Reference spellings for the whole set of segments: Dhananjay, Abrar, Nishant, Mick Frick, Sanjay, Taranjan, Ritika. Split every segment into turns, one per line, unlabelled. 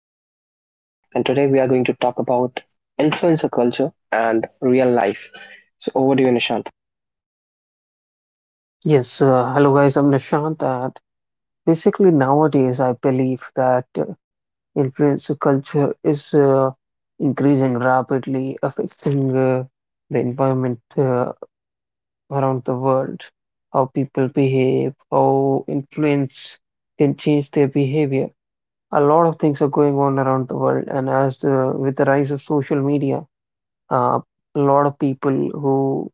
me, Nishant. And today we are going to talk about influencer culture and real life. So, over to you, Nishant.
Yes, Hello guys, I'm Nishant, and basically nowadays I believe that influencer culture is increasing rapidly, affecting the environment around the world, how people behave, how influence can change their behavior. A lot of things are going on around the world, and with the rise of social media, uh, a lot of people who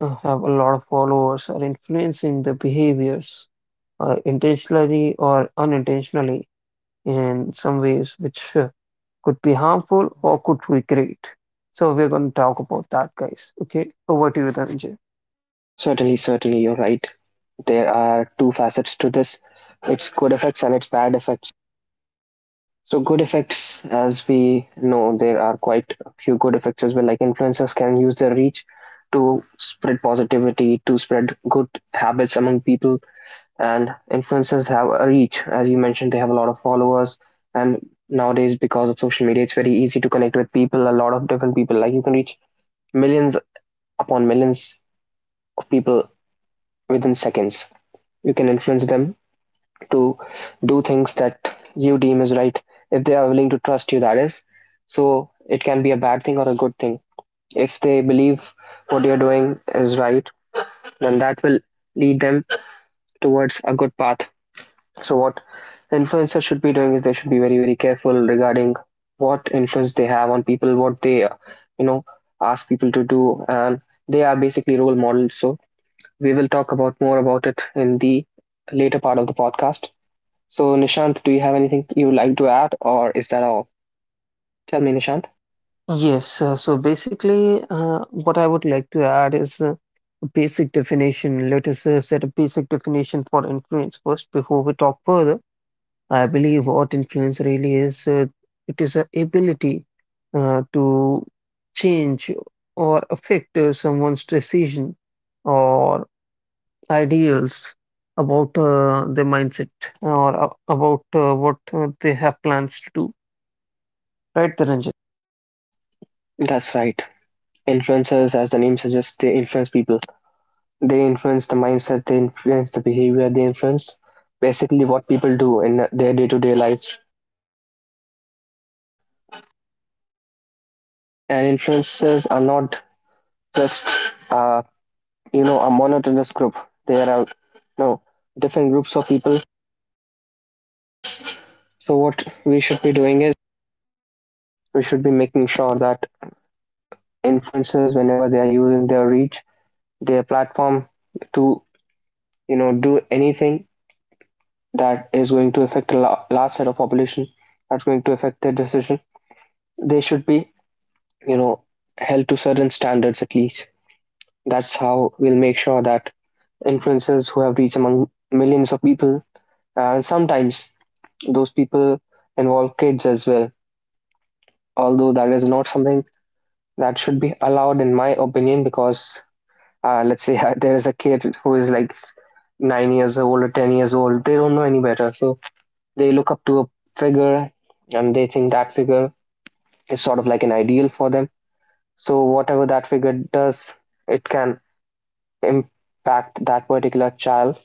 have a lot of followers are influencing the behaviors intentionally or unintentionally in some ways which could be harmful or could recreate. So we're going to talk about that, guys. Okay, over to you, Dhananjay.
Certainly, certainly, you're right. There are two facets to this: it's good effects and it's bad effects. So, good effects, as we know, there are quite a few good effects as well. Like, influencers can use their reach to spread positivity, to spread good habits among people. And influencers have a reach. As you mentioned, they have a lot of followers, and nowadays, because of social media, it's very easy to connect with people, a lot of different people. Like, you can reach millions upon millions of people within seconds. You can influence them to do things that you deem is right, if they are willing to trust you, that is. So it can be a bad thing or a good thing. If they believe what you're doing is right, then that will lead them towards a good path. So what influencers should be doing is they should be very very careful regarding what influence they have on people, what they you know ask people to do. And they are basically role models. So we will talk about more about it in the later part of the podcast. So, Nishant, do you have anything you would like to add, or is that all? Tell me, Nishant.
What I would like to add is a basic definition. Let us set a basic definition for influence first before we talk further. I believe what influence really is, it is a ability to change or affect someone's decision or ideals about their mindset or about what they have plans to do. Right, Taranjan?
That's right. Influencers, as the name suggests, they influence people. They influence the mindset, they influence the behavior, they influence basically what people do in their day-to-day life. And influencers are not just uh, a monotonous group. There are no different groups of people. So what we should be doing is we should be making sure that influencers, whenever they are using their reach, their platform, to do anything that is going to affect a large set of population, that's going to affect their decision, they should be you know held to certain standards at least. That's how we'll make sure that influencers who have reach among millions of people, sometimes those people involve kids as well. Although that is not something that should be allowed, in my opinion, because let's say there is a kid who is like 9 years old or 10 years old, they don't know any better. So they look up to a figure, and they think that figure is sort of like an ideal for them. So whatever that figure does, it can impact that particular child,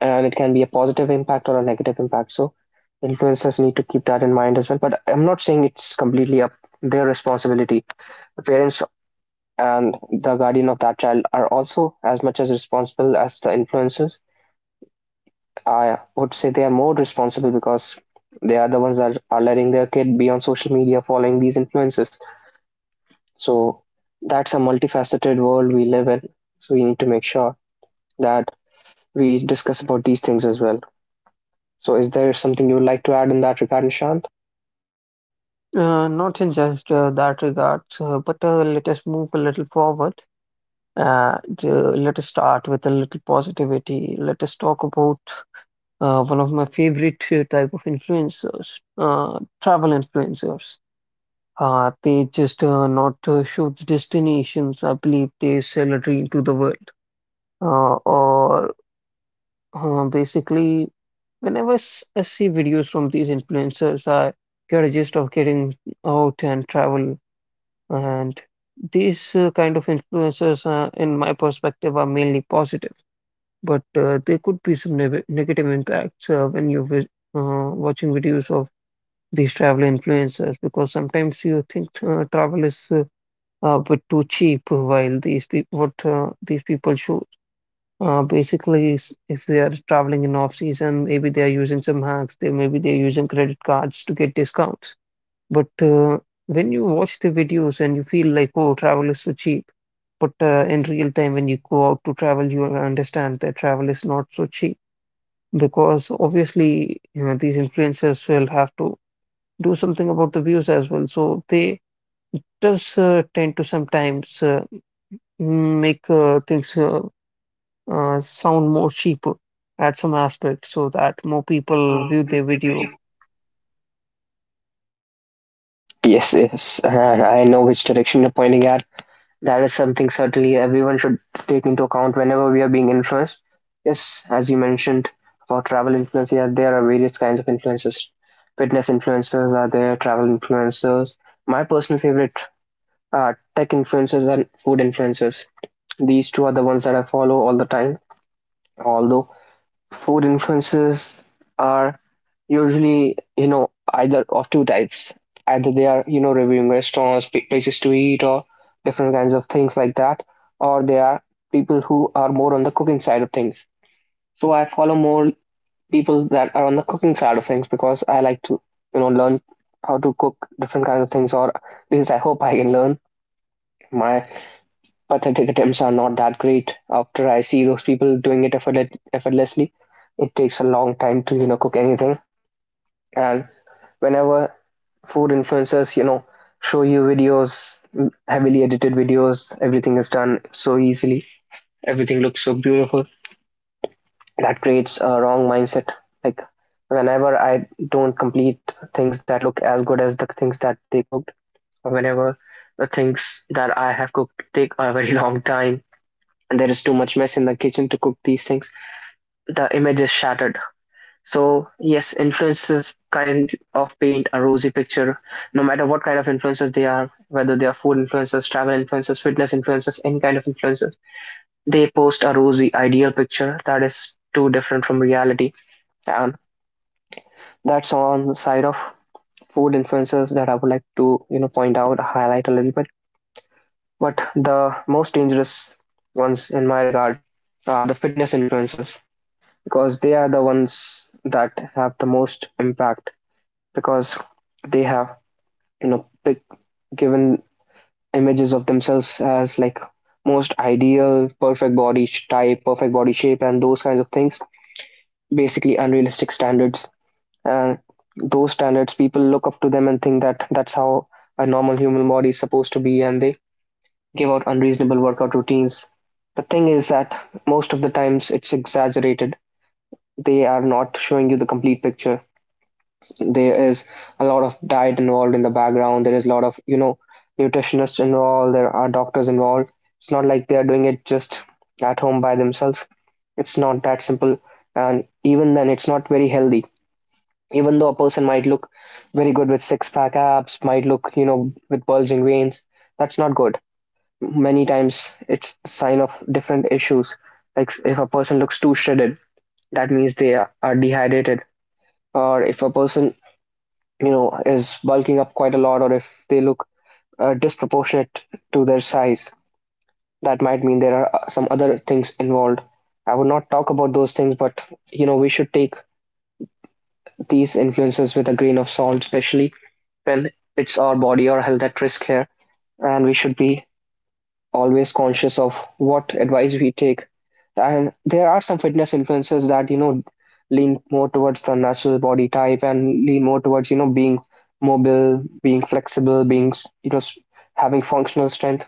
and it can be a positive impact or a negative impact. So influencers need to keep that in mind as well. But I'm not saying it's completely up their responsibility. The parents and the guardian of that child are also as much as responsible as the influencers. I would say they are more responsible because they are the ones that are letting their kid be on social media following these influencers. So that's a multifaceted world we live in. So we need to make sure that we discuss about these things as well. So is there something you would like to add in that regard, Nishan?
Not in just that regard, but let us move a little forward and let us start with a little positivity. Let us talk about one of my favorite type of influencers, travel influencers. They just not show the destinations. I believe they sell a dream to the world. Or basically, whenever I see videos from these influencers, I get a gist of getting out and travel. And these kind of influencers, in my perspective, are mainly positive. But there could be some negative impacts when you're watching videos of these travel influencers, because sometimes you think travel is a bit too cheap, while these people, what these people show basically, is if they are traveling in off season, maybe they are using some hacks, they maybe they're using credit cards to get discounts. But when you watch the videos, and you feel like, oh, travel is so cheap, but in real time when you go out to travel, you will understand that travel is not so cheap, because obviously you know these influencers will have to do something about the views as well. So they just tend to sometimes make things sound more cheaper at some aspect so that more people view their video.
Yes, yes. I know which direction you're pointing at. That is something certainly everyone should take into account whenever we are being influenced. Yes, as you mentioned about travel influence, yeah, there are various kinds of influencers. Fitness influencers are there, travel influencers. My personal favorite are tech influencers and food influencers. These two are the ones that I follow all the time. Although food influences are usually, either of two types. Either they are, reviewing restaurants, places to eat, or different kinds of things like that, or they are people who are more on the cooking side of things. So I follow more people that are on the cooking side of things because I like to, learn how to cook different kinds of things, or at least I hope I can learn. My pathetic attempts are not that great. After I see those people doing it effortlessly, it takes a long time to cook anything. And whenever food influencers show you videos, heavily edited videos, everything is done so easily. Everything looks so beautiful. That creates a wrong mindset. Like whenever I don't complete things that look as good as the things that they cooked, or whenever the things that I have cooked take a very long time and there is too much mess in the kitchen to cook these things, the image is shattered. So, yes, influences kind of paint a rosy picture, no matter what kind of influencers they are, whether they are food influencers, travel influencers, fitness influencers, any kind of influencers, they post a rosy ideal picture that is too different from reality. And that's on the side of food influencers that I would like to, point out, highlight a little bit. But the most dangerous ones in my regard are the fitness influencers because they are the ones that have the most impact because they have you know pick, given images of themselves as like most ideal perfect body type, perfect body shape, and those kinds of things, basically unrealistic standards. And those standards, people look up to them and think that that's how a normal human body is supposed to be, and they give out unreasonable workout routines. The thing is that most of the times it's exaggerated. They are not showing you the complete picture. There is a lot of diet involved in the background. There is a lot of, nutritionists involved. There are doctors involved. It's not like they are doing it just at home by themselves. It's not that simple. And even then, it's not very healthy. Even though a person might look very good with six pack abs, might look, with bulging veins, that's not good. Many times it's a sign of different issues. Like if a person looks too shredded, that means they are dehydrated. Or if a person is bulking up quite a lot, or if they look disproportionate to their size, that might mean there are some other things involved. I would not talk about those things, but we should take these influences with a grain of salt, especially when it's our body or health at risk here, and we should be always conscious of what advice we take. And there are some fitness influencers that, lean more towards the natural body type and lean more towards, being mobile, being flexible, being, you know, s- having functional strength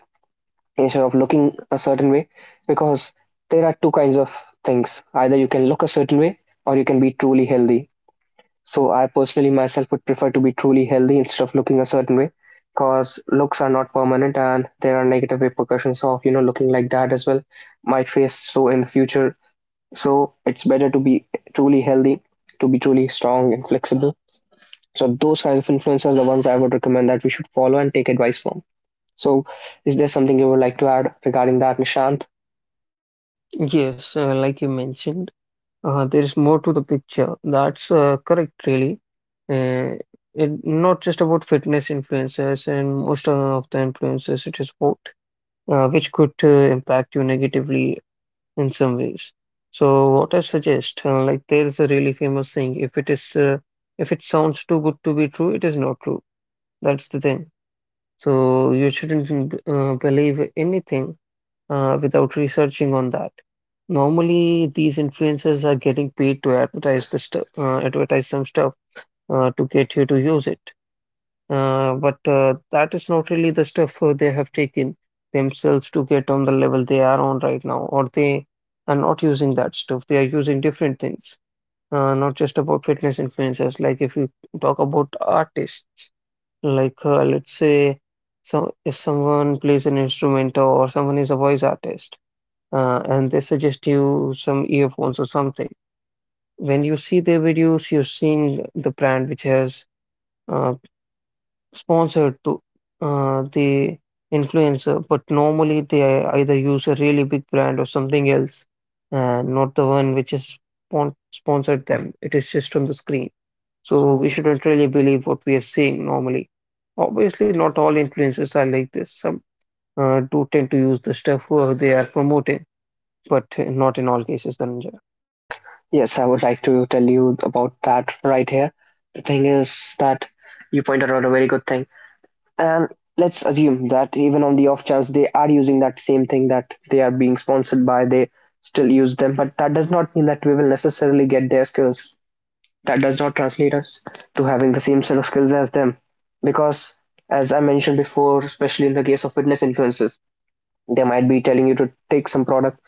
instead of looking a certain way. Because there are two kinds of things: either you can look a certain way, or you can be truly healthy. So I personally myself would prefer to be truly healthy instead of looking a certain way, because looks are not permanent and there are negative repercussions of looking like that as well. Might face so in the future. So it's better to be truly healthy, to be truly strong and flexible. So those kinds of influencers are the ones I would recommend that we should follow and take advice from. So is there something you would like to add regarding that, Nishant?
Yes, like you mentioned, there is more to the picture. That's correct, really. Uh, it not just about fitness influencers and most of the influencers, it is about which could impact you negatively in some ways. So what I suggest, like there is a really famous saying, if it sounds too good to be true, it is not true. That's the thing. So you shouldn't believe anything without researching on that. Normally, these influencers are getting paid to advertise the stuff, advertise some stuff to get you to use it. But that is not really the stuff they have taken themselves to get on the level they are on right now, or they are not using that stuff. They are using different things, not just about fitness influencers. Like if you talk about artists, like let's say, so if someone plays an instrument or someone is a voice artist, and they suggest you some earphones or something. When you see their videos, you're seeing the brand which has. Uh, Sponsored to the influencer, but normally they either use a really big brand or something else, and not the one which is sponsored them. It is just on the screen. So
So
we shouldn't really believe what we are seeing normally. Obviously, not all influencers are like this. Some do tend to use the stuff who they are promoting, but not in all cases, Dhananjay.
Yes, I would like to tell you about that right here. The thing is that you pointed out a very good thing. And let's assume that even on the off chance they are using that same thing that they are being sponsored by, they still use them. But that does not mean that we will necessarily get their skills. That does not translate us to having the same set of skills as them. Because, as I mentioned before, especially in the case of fitness influencers, they might be telling you to take some product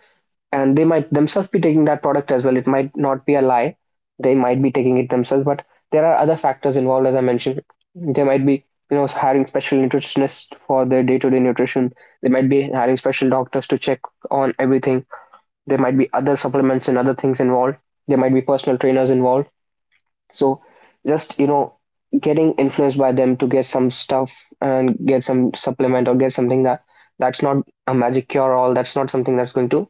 and they might themselves be taking that product as well. It might not be a lie. They might be taking it themselves, but there are other factors involved, as I mentioned. They might be, hiring special nutritionists for their day-to-day nutrition. They might be hiring special doctors to check on everything. There might be other supplements and other things involved. There might be personal trainers involved. So just, you know, getting influenced by them to get some stuff and get some supplement or get something that that's not a magic cure all, that's not something that's going to,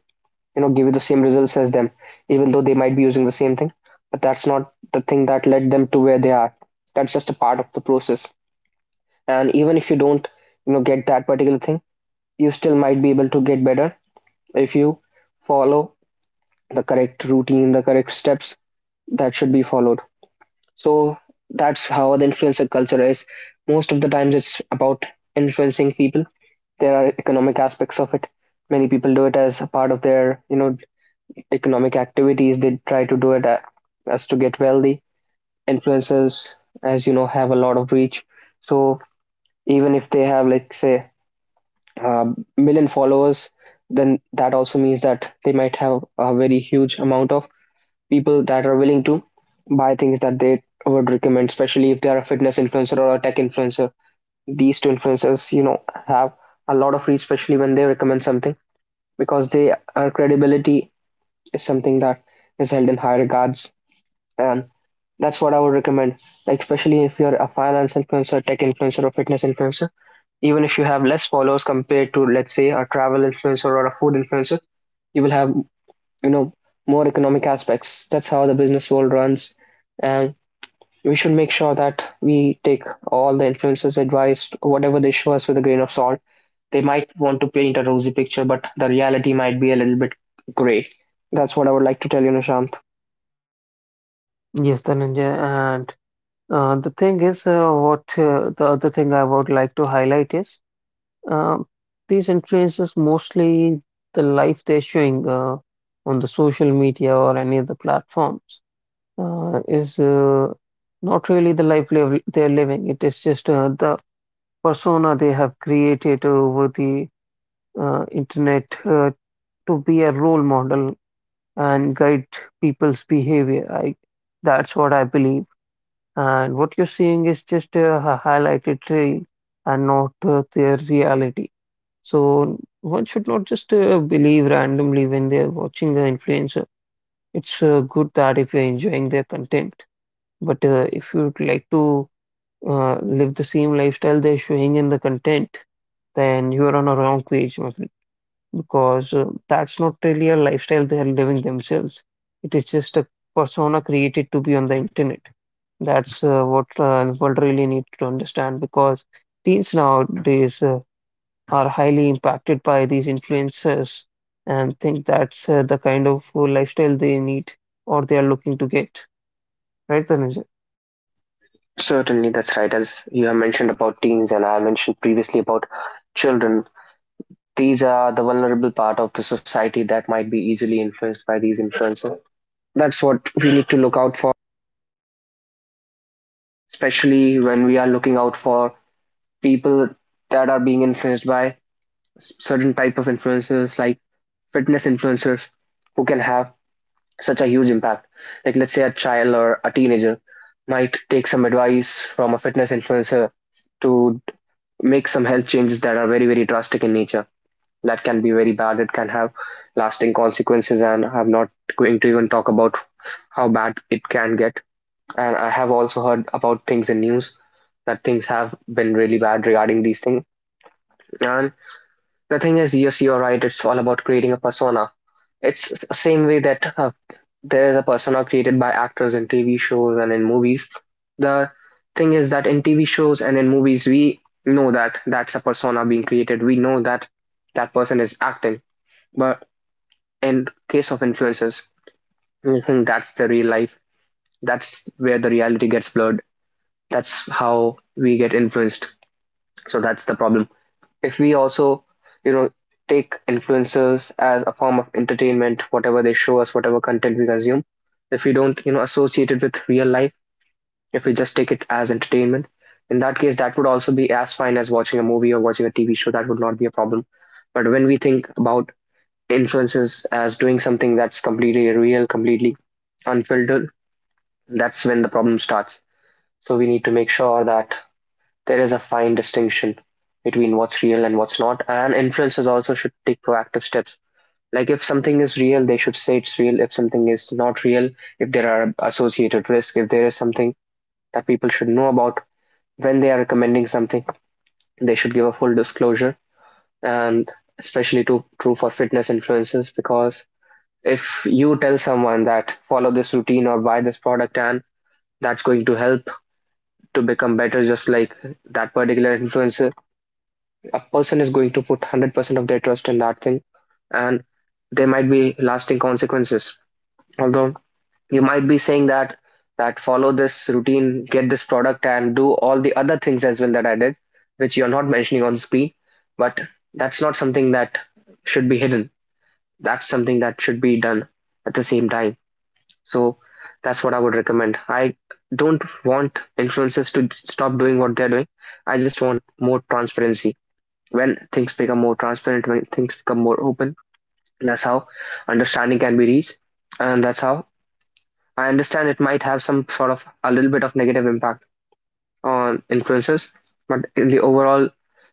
you know, give you the same results as them, even though they might be using the same thing, but that's not the thing that led them to where they are. That's just a part of the process. And even if you don't, you know, get that particular thing, you still might be able to get better if you follow the correct routine, the correct steps that should be followed. So that's how the influencer culture is. Most of the times it's about influencing people. There are economic aspects of it. Many people do it as a part of their, you know, economic activities. They try to do it as to get wealthy. Influencers, as you know, have a lot of reach. So even if they have, like, say, a million followers, then that also means that they might have a very huge amount of people that are willing to buy things that they would recommend, especially if they are a fitness influencer or a tech influencer. These two influencers, you know, have a lot of reach, especially when they recommend something, because they are credibility is something that is held in high regards. And that's what I would recommend, like, especially if you're a finance influencer, tech influencer, or fitness influencer. Even if you have less followers compared to, let's say, a travel influencer or a food influencer, you will have, you know, more economic aspects. That's how the business world runs. And we should make sure that we take all the influencers' advice, whatever they show us, with a grain of salt. They might want to paint a rosy picture, but the reality might be a little bit gray. That's what I would like to tell you, Nishant.
Yes, Dhananjay. And the thing is, what the other thing I would like to highlight is, Um, these influencers mostly, the life they're showing on the social media or any of the platforms is not really the life live they're living. It is just the persona they have created over the internet to be a role model and guide people's behavior. That's what I believe. And what you're seeing is just a highlighted reel and not their reality. So one should not just believe randomly when they're watching an influencer. It's good that if you're enjoying their content, but if you'd like to live the same lifestyle they're showing in the content, then you're on a wrong page, my friend, because that's not really a lifestyle they're living themselves. It is just a persona created to be on the internet. That's what the world really needs to understand, because teens nowadays. Are highly impacted by these influencers and think that's the kind of lifestyle they need or they are looking to get. Right, Dhananjay?
Certainly, that's right. As you have mentioned about teens, and I mentioned previously about children, these are the vulnerable part of the society that might be easily influenced by these influencers. That's what we need to look out for, especially when we are looking out for people that are being influenced by certain type of influencers, like fitness influencers, who can have such a huge impact. Like, let's say a child or a teenager might take some advice from a fitness influencer to make some health changes that are very drastic in nature, that can be very bad. It can have lasting consequences, and I'm not going to even talk about how bad it can get. And I have also heard about things in news that things have been really bad regarding these things. And the thing is, yes, you're right, it's all about creating a persona. It's same way that there is a persona created by actors in TV shows and in movies. The thing is that in TV shows and in movies, we know that that's a persona being created. We know that that person is acting. But in case of influencers, I think that's the real life. That's where the reality gets blurred. That's how we get influenced. So that's the problem. If we also, you know, take influencers as a form of entertainment, whatever they show us, whatever content we consume, if we don't, you know, associate it with real life, if we just take it as entertainment, in that case that would also be as fine as watching a movie or watching a TV show. That would not be a problem. But when we think about influencers as doing something that's completely real, completely unfiltered, that's when the problem starts. So we need to make sure that there is a fine distinction between what's real and what's not, and influencers also should take proactive steps. Like, if something is real, they should say it's real. If something is not real, if there are associated risks, if there is something that people should know about when they are recommending something, they should give a full disclosure. And especially to, true for fitness influencers, because if you tell someone that follow this routine or buy this product and that's going to help to become better just like that particular influencer, a person is going to put 100% of their trust in that thing. And there might be lasting consequences, although you might be saying that, that follow this routine, get this product, and do all the other things as well that I did, which you're not mentioning on screen. But that's not something that should be hidden. That's something that should be done at the same time. So that's what I would recommend. I don't want influencers to stop doing what they're doing. I just want more transparency. When things become more transparent, when things become more open, that's how understanding can be reached. And that's how, I understand, it might have some sort of a little bit of negative impact on influencers, but in the overall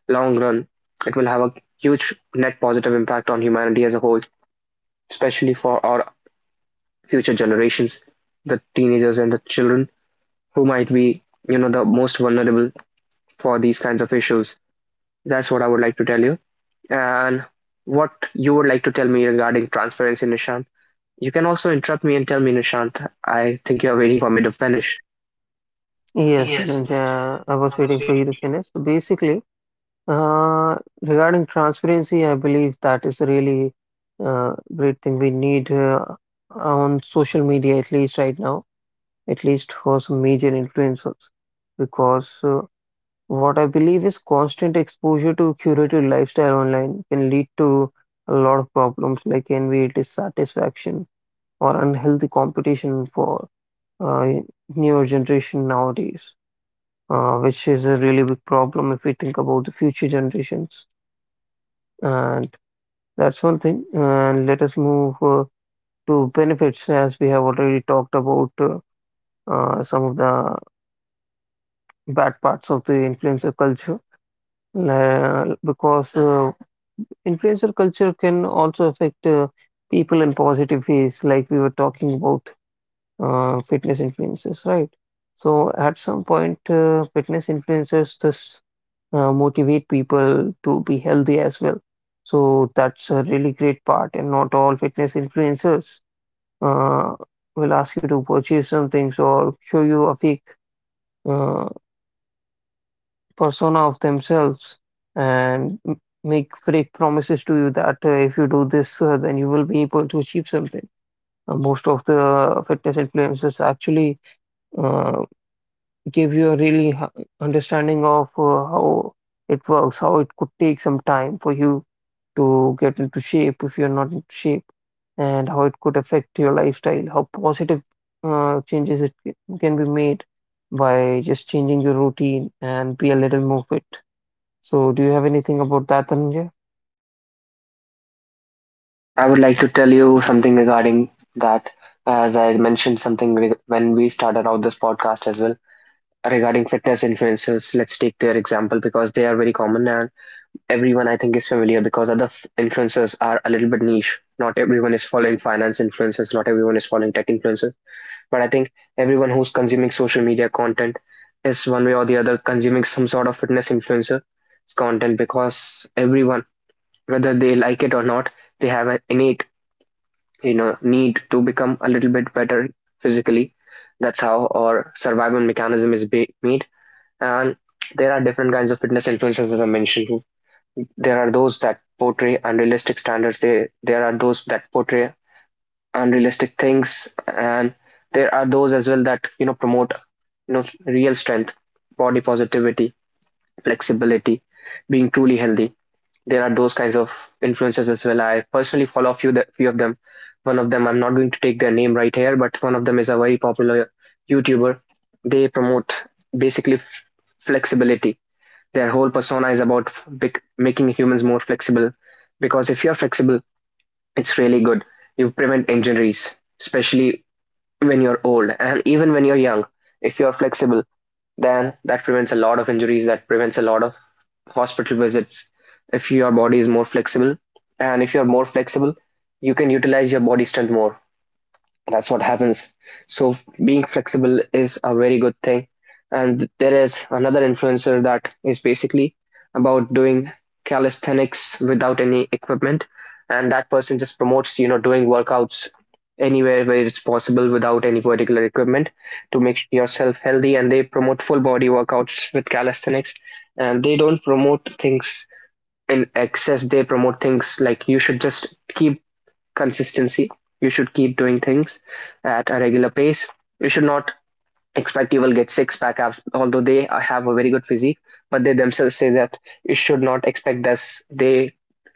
long run, it will have a huge net positive impact on humanity as a whole, especially for our future generations, the teenagers and the children, who might be, you know, the most vulnerable for these kinds of issues. That's what I would like to tell you. And what you would like to tell me regarding transparency, Nishant. You can also interrupt me and tell me, Nishant. I think you are waiting for me to finish.
Yes, Dhananjay, I was waiting for you to finish. So basically, uh, regarding transparency, I believe that is a really great thing we need on social media, at least right now, at least for some major influencers, because what I believe is constant exposure to curated lifestyle online can lead to a lot of problems like envy, dissatisfaction, or unhealthy competition for uh, newer generation nowadays, which is a really big problem if we think about the future generations. And that's one thing. And let us move to benefits, as we have already talked about some of the bad parts of the influencer culture. Because influencer culture can also affect people in positive ways, like we were talking about fitness influencers, right? So at some point, fitness influencers thus motivate people to be healthy as well. So that's a really great part, and not all fitness influencers uh, will ask you to purchase some things or show you a fake uh, persona of themselves. And Mick Frick promises to you that if you do this, then you will be able to achieve something. Most of the fitness influencers actually uh, give you a really understanding of how it works, how it could take some time for you to get into shape if you're not into shape, and how it could affect your lifestyle, how positive changes can be made by just changing your routine and be a little more fit. So, do you have anything about that, Dhananjay?
I would like to tell you something regarding that. As I mentioned something when we started out this podcast as well regarding fitness influencers. Let's take their example because they are very common and everyone, I think, is familiar, because other influencers are a little bit niche. Not everyone is following finance influencers. Not everyone is following tech influencers. But I think everyone who's consuming social media content is one way or the other consuming some sort of fitness influencer content, because everyone, whether they like it or not, they have an innate, you know, need to become a little bit better physically. That's how our survival mechanism is made. And there are different kinds of fitness influencers, as I mentioned. There are those that portray unrealistic standards. There are those that portray unrealistic things, and there are those as well that, you know, promote, you know, real strength, body positivity, flexibility, being truly healthy. There are those kinds of influencers as well. I personally follow a few, that few of them. One of them, I'm not going to take their name right here, but one of them is a very popular YouTuber. They promote basically flexibility. Their whole persona is about making humans more flexible, because if you're flexible, it's really good. You prevent injuries, especially when you're old, and even when you're young, if you're flexible, then that prevents a lot of injuries, that prevents a lot of hospital visits. If your body is more flexible, and if you're more flexible, you can utilize your body strength more. That's what happens. So being flexible is a very good thing. And there is another influencer that is basically about doing calisthenics without any equipment. And that person just promotes, you know, doing workouts anywhere where it's possible without any particular equipment, to make yourself healthy. And they promote full body workouts with calisthenics, and they don't promote things in excess. They promote things like you should just keep consistency, you should keep doing things at a regular pace, you should not expect you will get six pack abs, although they have a very good physique, but they themselves say that you should not expect this. They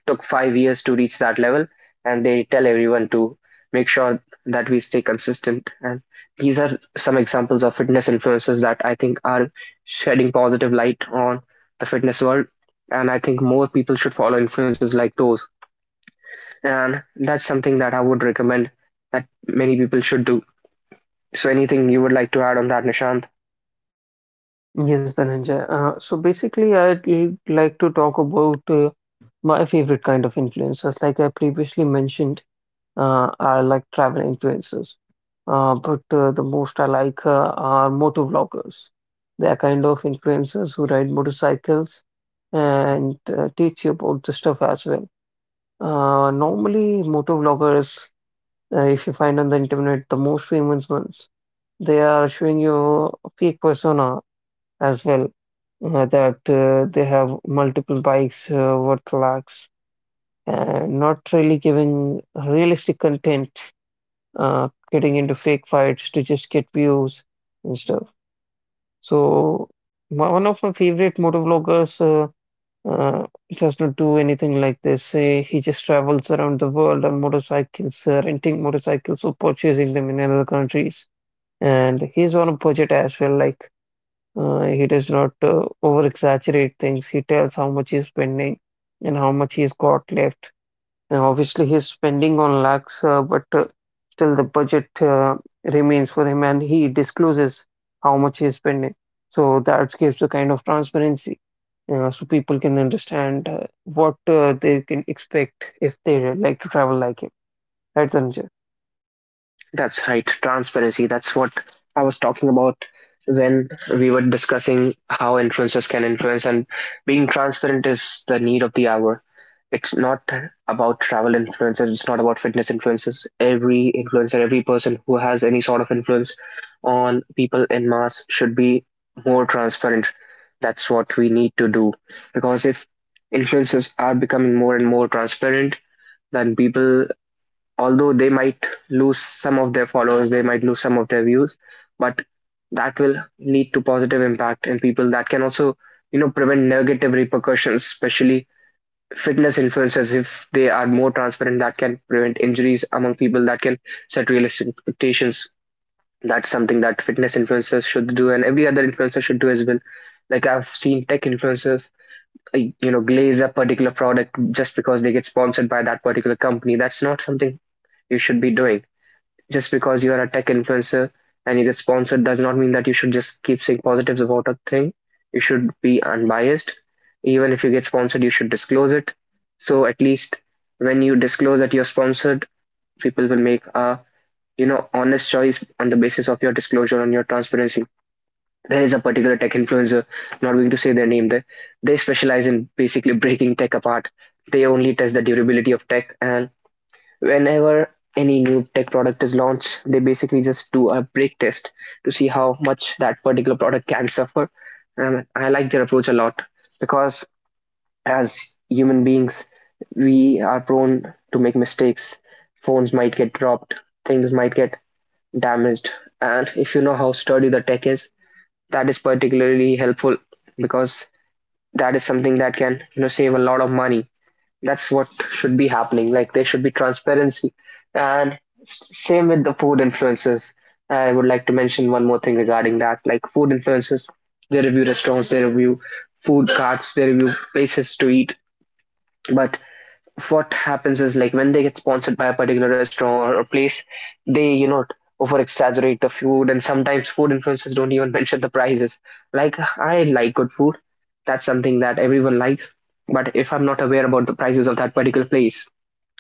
took 5 years to reach that level, and they tell everyone to make sure that we stay consistent. And these are some examples of fitness influencers that I think are shedding positive light on the fitness world. And I think more people should follow influencers like those, and that's something that I would recommend, that many people should do. So anything you would like to add on that, Nishant?
Yes, Dhananjay. So basically, I'd like to talk about my favorite kind of influencers. Like I previously mentioned, I like travel influencers. But the most I like are motor vloggers. They are kind of influencers who ride motorcycles and teach you about the stuff as well. Normally, motor vloggers, if you find on the internet, the most famous ones, they are showing you fake persona as well. That They have multiple bikes worth lakhs and not really giving realistic content, getting into fake fights to just get views and stuff. So, one of my favorite motovloggers does not do anything like they say. He just travels around the world on motorcycles, renting motorcycles or purchasing them in other countries. And he's on a budget as well. Like he does not over exaggerate things. He tells how much he's spending and how much he's got left. And obviously, he's spending on lakhs, but still the budget remains for him, and he discloses how much he's spending. So that gives a kind of transparency, so people can understand what they can expect if they like to travel like him. Right, Sanjay?
That's right, transparency. That's what I was talking about when we were discussing how influencers can influence, and being transparent is the need of the hour. It's not about travel influencers, it's not about fitness influencers. Every influencer, every person who has any sort of influence on people in mass should be more transparent. That's what we need to do, because if influencers are becoming more and more transparent, then people, although they might lose some of their followers, they might lose some of their views, but that will lead to positive impact in people, that can also, you know, prevent negative repercussions, especially fitness influencers, if they are more transparent, that can prevent injuries among people, that can set realistic expectations. That's something that fitness influencers should do, and every other influencer should do as well. Like, I've seen tech influencers, you know, glaze a particular product just because they get sponsored by that particular company. That's not something you should be doing. Just because you are a tech influencer and you get sponsored does not mean that you should just keep saying positives about a thing. You should be unbiased. Even if you get sponsored, you should disclose it. So at least when you disclose that you're sponsored, people will make a, you know, honest choice on the basis of your disclosure and your transparency. There is a particular tech influencer, not going to say their name there. They specialize in basically breaking tech apart. They only test the durability of tech, and whenever any new tech product is launched, they basically just do a break test to see how much that particular product can suffer. And I like their approach a lot, because as human beings, we are prone to make mistakes. Phones might get dropped, things might get damaged. And if you know how sturdy the tech is, that is particularly helpful, because that is something that can save a lot of money. That's what should be happening. Like, there should be transparency. And same with the food influencers. I would like to mention one more thing regarding that. Like, food influencers, they review restaurants, they review food carts, they review places to eat. But what happens is, like, when they get sponsored by a particular restaurant or place, they over exaggerate the food, and sometimes food influencers don't even mention the prices. Like, I like good food, that's something that everyone likes. But if I'm not aware about the prices of that particular place,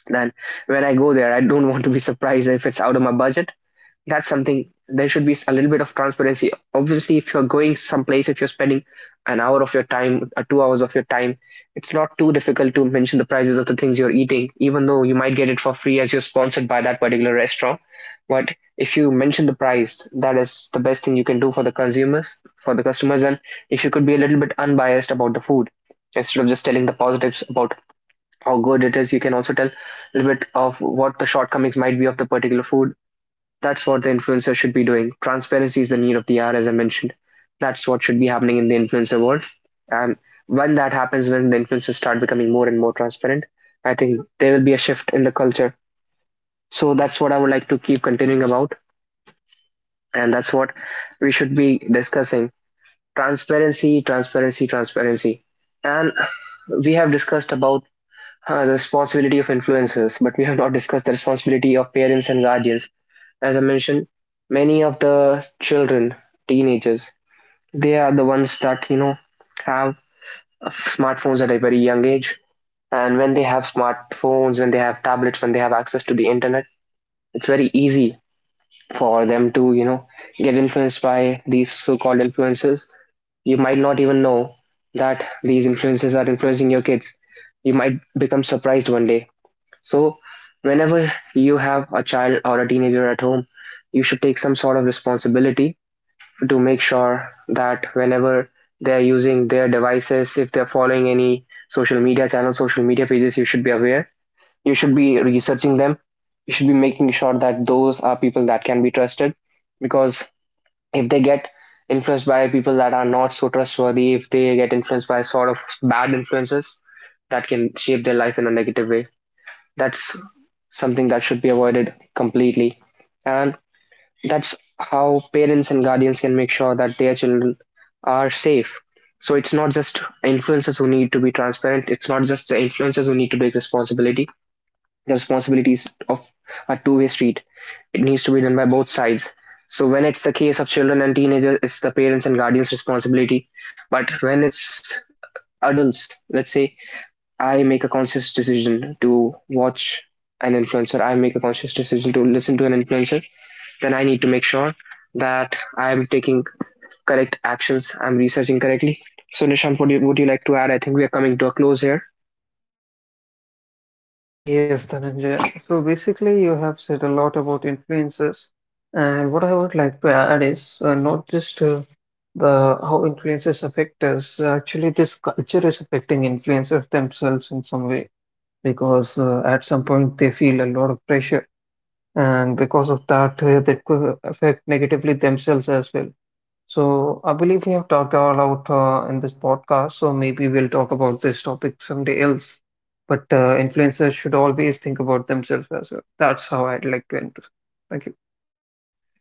then when I go there, I don't want to be surprised if it's out of my budget. That's something, there should be a little bit of transparency. Obviously, if you're going someplace, if you're spending an hour of your time, 2 hours of your time, it's not too difficult to mention the prices of the things you're eating, even though you might get it for free as you're sponsored by that particular restaurant. But if you mention the price, that is the best thing you can do for the consumers, for the customers. And if you could be a little bit unbiased about the food, instead of just telling the positives about how good it is, you can also tell a little bit of what the shortcomings might be of the particular food. That's what the influencer should be doing. Transparency is the need of the hour, as I mentioned. That's what should be happening in the influencer world. And when that happens, when the influencers start becoming more and more transparent, I think there will be a shift in the culture. So that's what I would like to keep continuing about. And that's what we should be discussing: transparency, transparency, transparency. And we have discussed about the responsibility of influencers, but we have not discussed the responsibility of parents and guardians. As I mentioned, many of the children, teenagers, they are the ones that have smartphones at a very young age. And when they have smartphones, when they have tablets, when they have access to the internet, it's very easy for them to get influenced by these so-called influencers. You might not even know that these influencers are influencing your kids. You might become surprised one day. So whenever you have a child or a teenager at home, you should take some sort of responsibility to make sure that whenever they're using their devices, if they're following any social media channels, social media pages, you should be aware. You should be researching them. You should be making sure that those are people that can be trusted, because if they get influenced by people that are not so trustworthy, if they get influenced by sort of bad influences, that can shape their life in a negative way. That's something that should be avoided completely. And that's how parents and guardians can make sure that their children are safe. So it's not just influencers who need to be transparent. It's not just the influencers who need to take responsibility. The responsibilities of a two-way street. It needs to be done by both sides. So when it's the case of children and teenagers, it's the parents and guardians' responsibility. But when it's adults, let's say I make a conscious decision to watch an influencer, I make a conscious decision to listen to an influencer, then I need to make sure that I am taking correct actions. I'm researching correctly. So, Nishant, would you like to add? I think we are coming to a close here.
Yes, Dhananjay. So basically, you have said a lot about influences, and what I would like to add is not just the how influences affect us. Actually, this culture is affecting influencers themselves in some way, because at some point they feel a lot of pressure, and because of that, they could affect negatively themselves as well. So I believe we have talked all out in this podcast, so maybe we'll talk about this topic someday else. But influencers should always think about themselves as well. That's how I'd like to end. Thank you.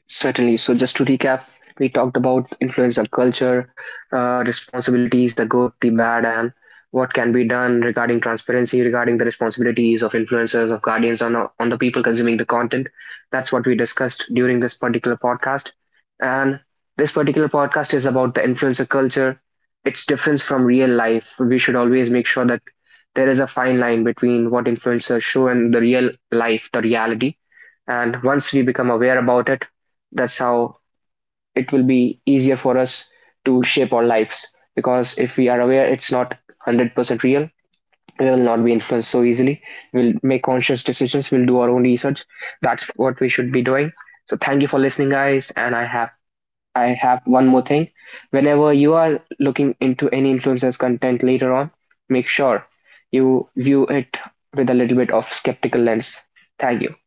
Certainly. So, just to recap, we talked about influencer culture, responsibilities, the good, the bad, and what can be done regarding transparency, regarding the responsibilities of influencers, of guardians, on the people consuming the content. That's what we discussed during this particular podcast. And this particular podcast is about the influencer culture, its difference from real life. We should always make sure that there is a fine line between what influencers show and the real life, the reality. And once we become aware about it, that's how it will be easier for us to shape our lives, because if we are aware it's not 100% real, we will not be influenced so easily. We'll make conscious decisions, we'll do our own research. That's what we should be doing. So thank you for listening, guys, and I have one more thing. Whenever you are looking into any influencer's content later on, make sure you view it with a little bit of skeptical lens. Thank you.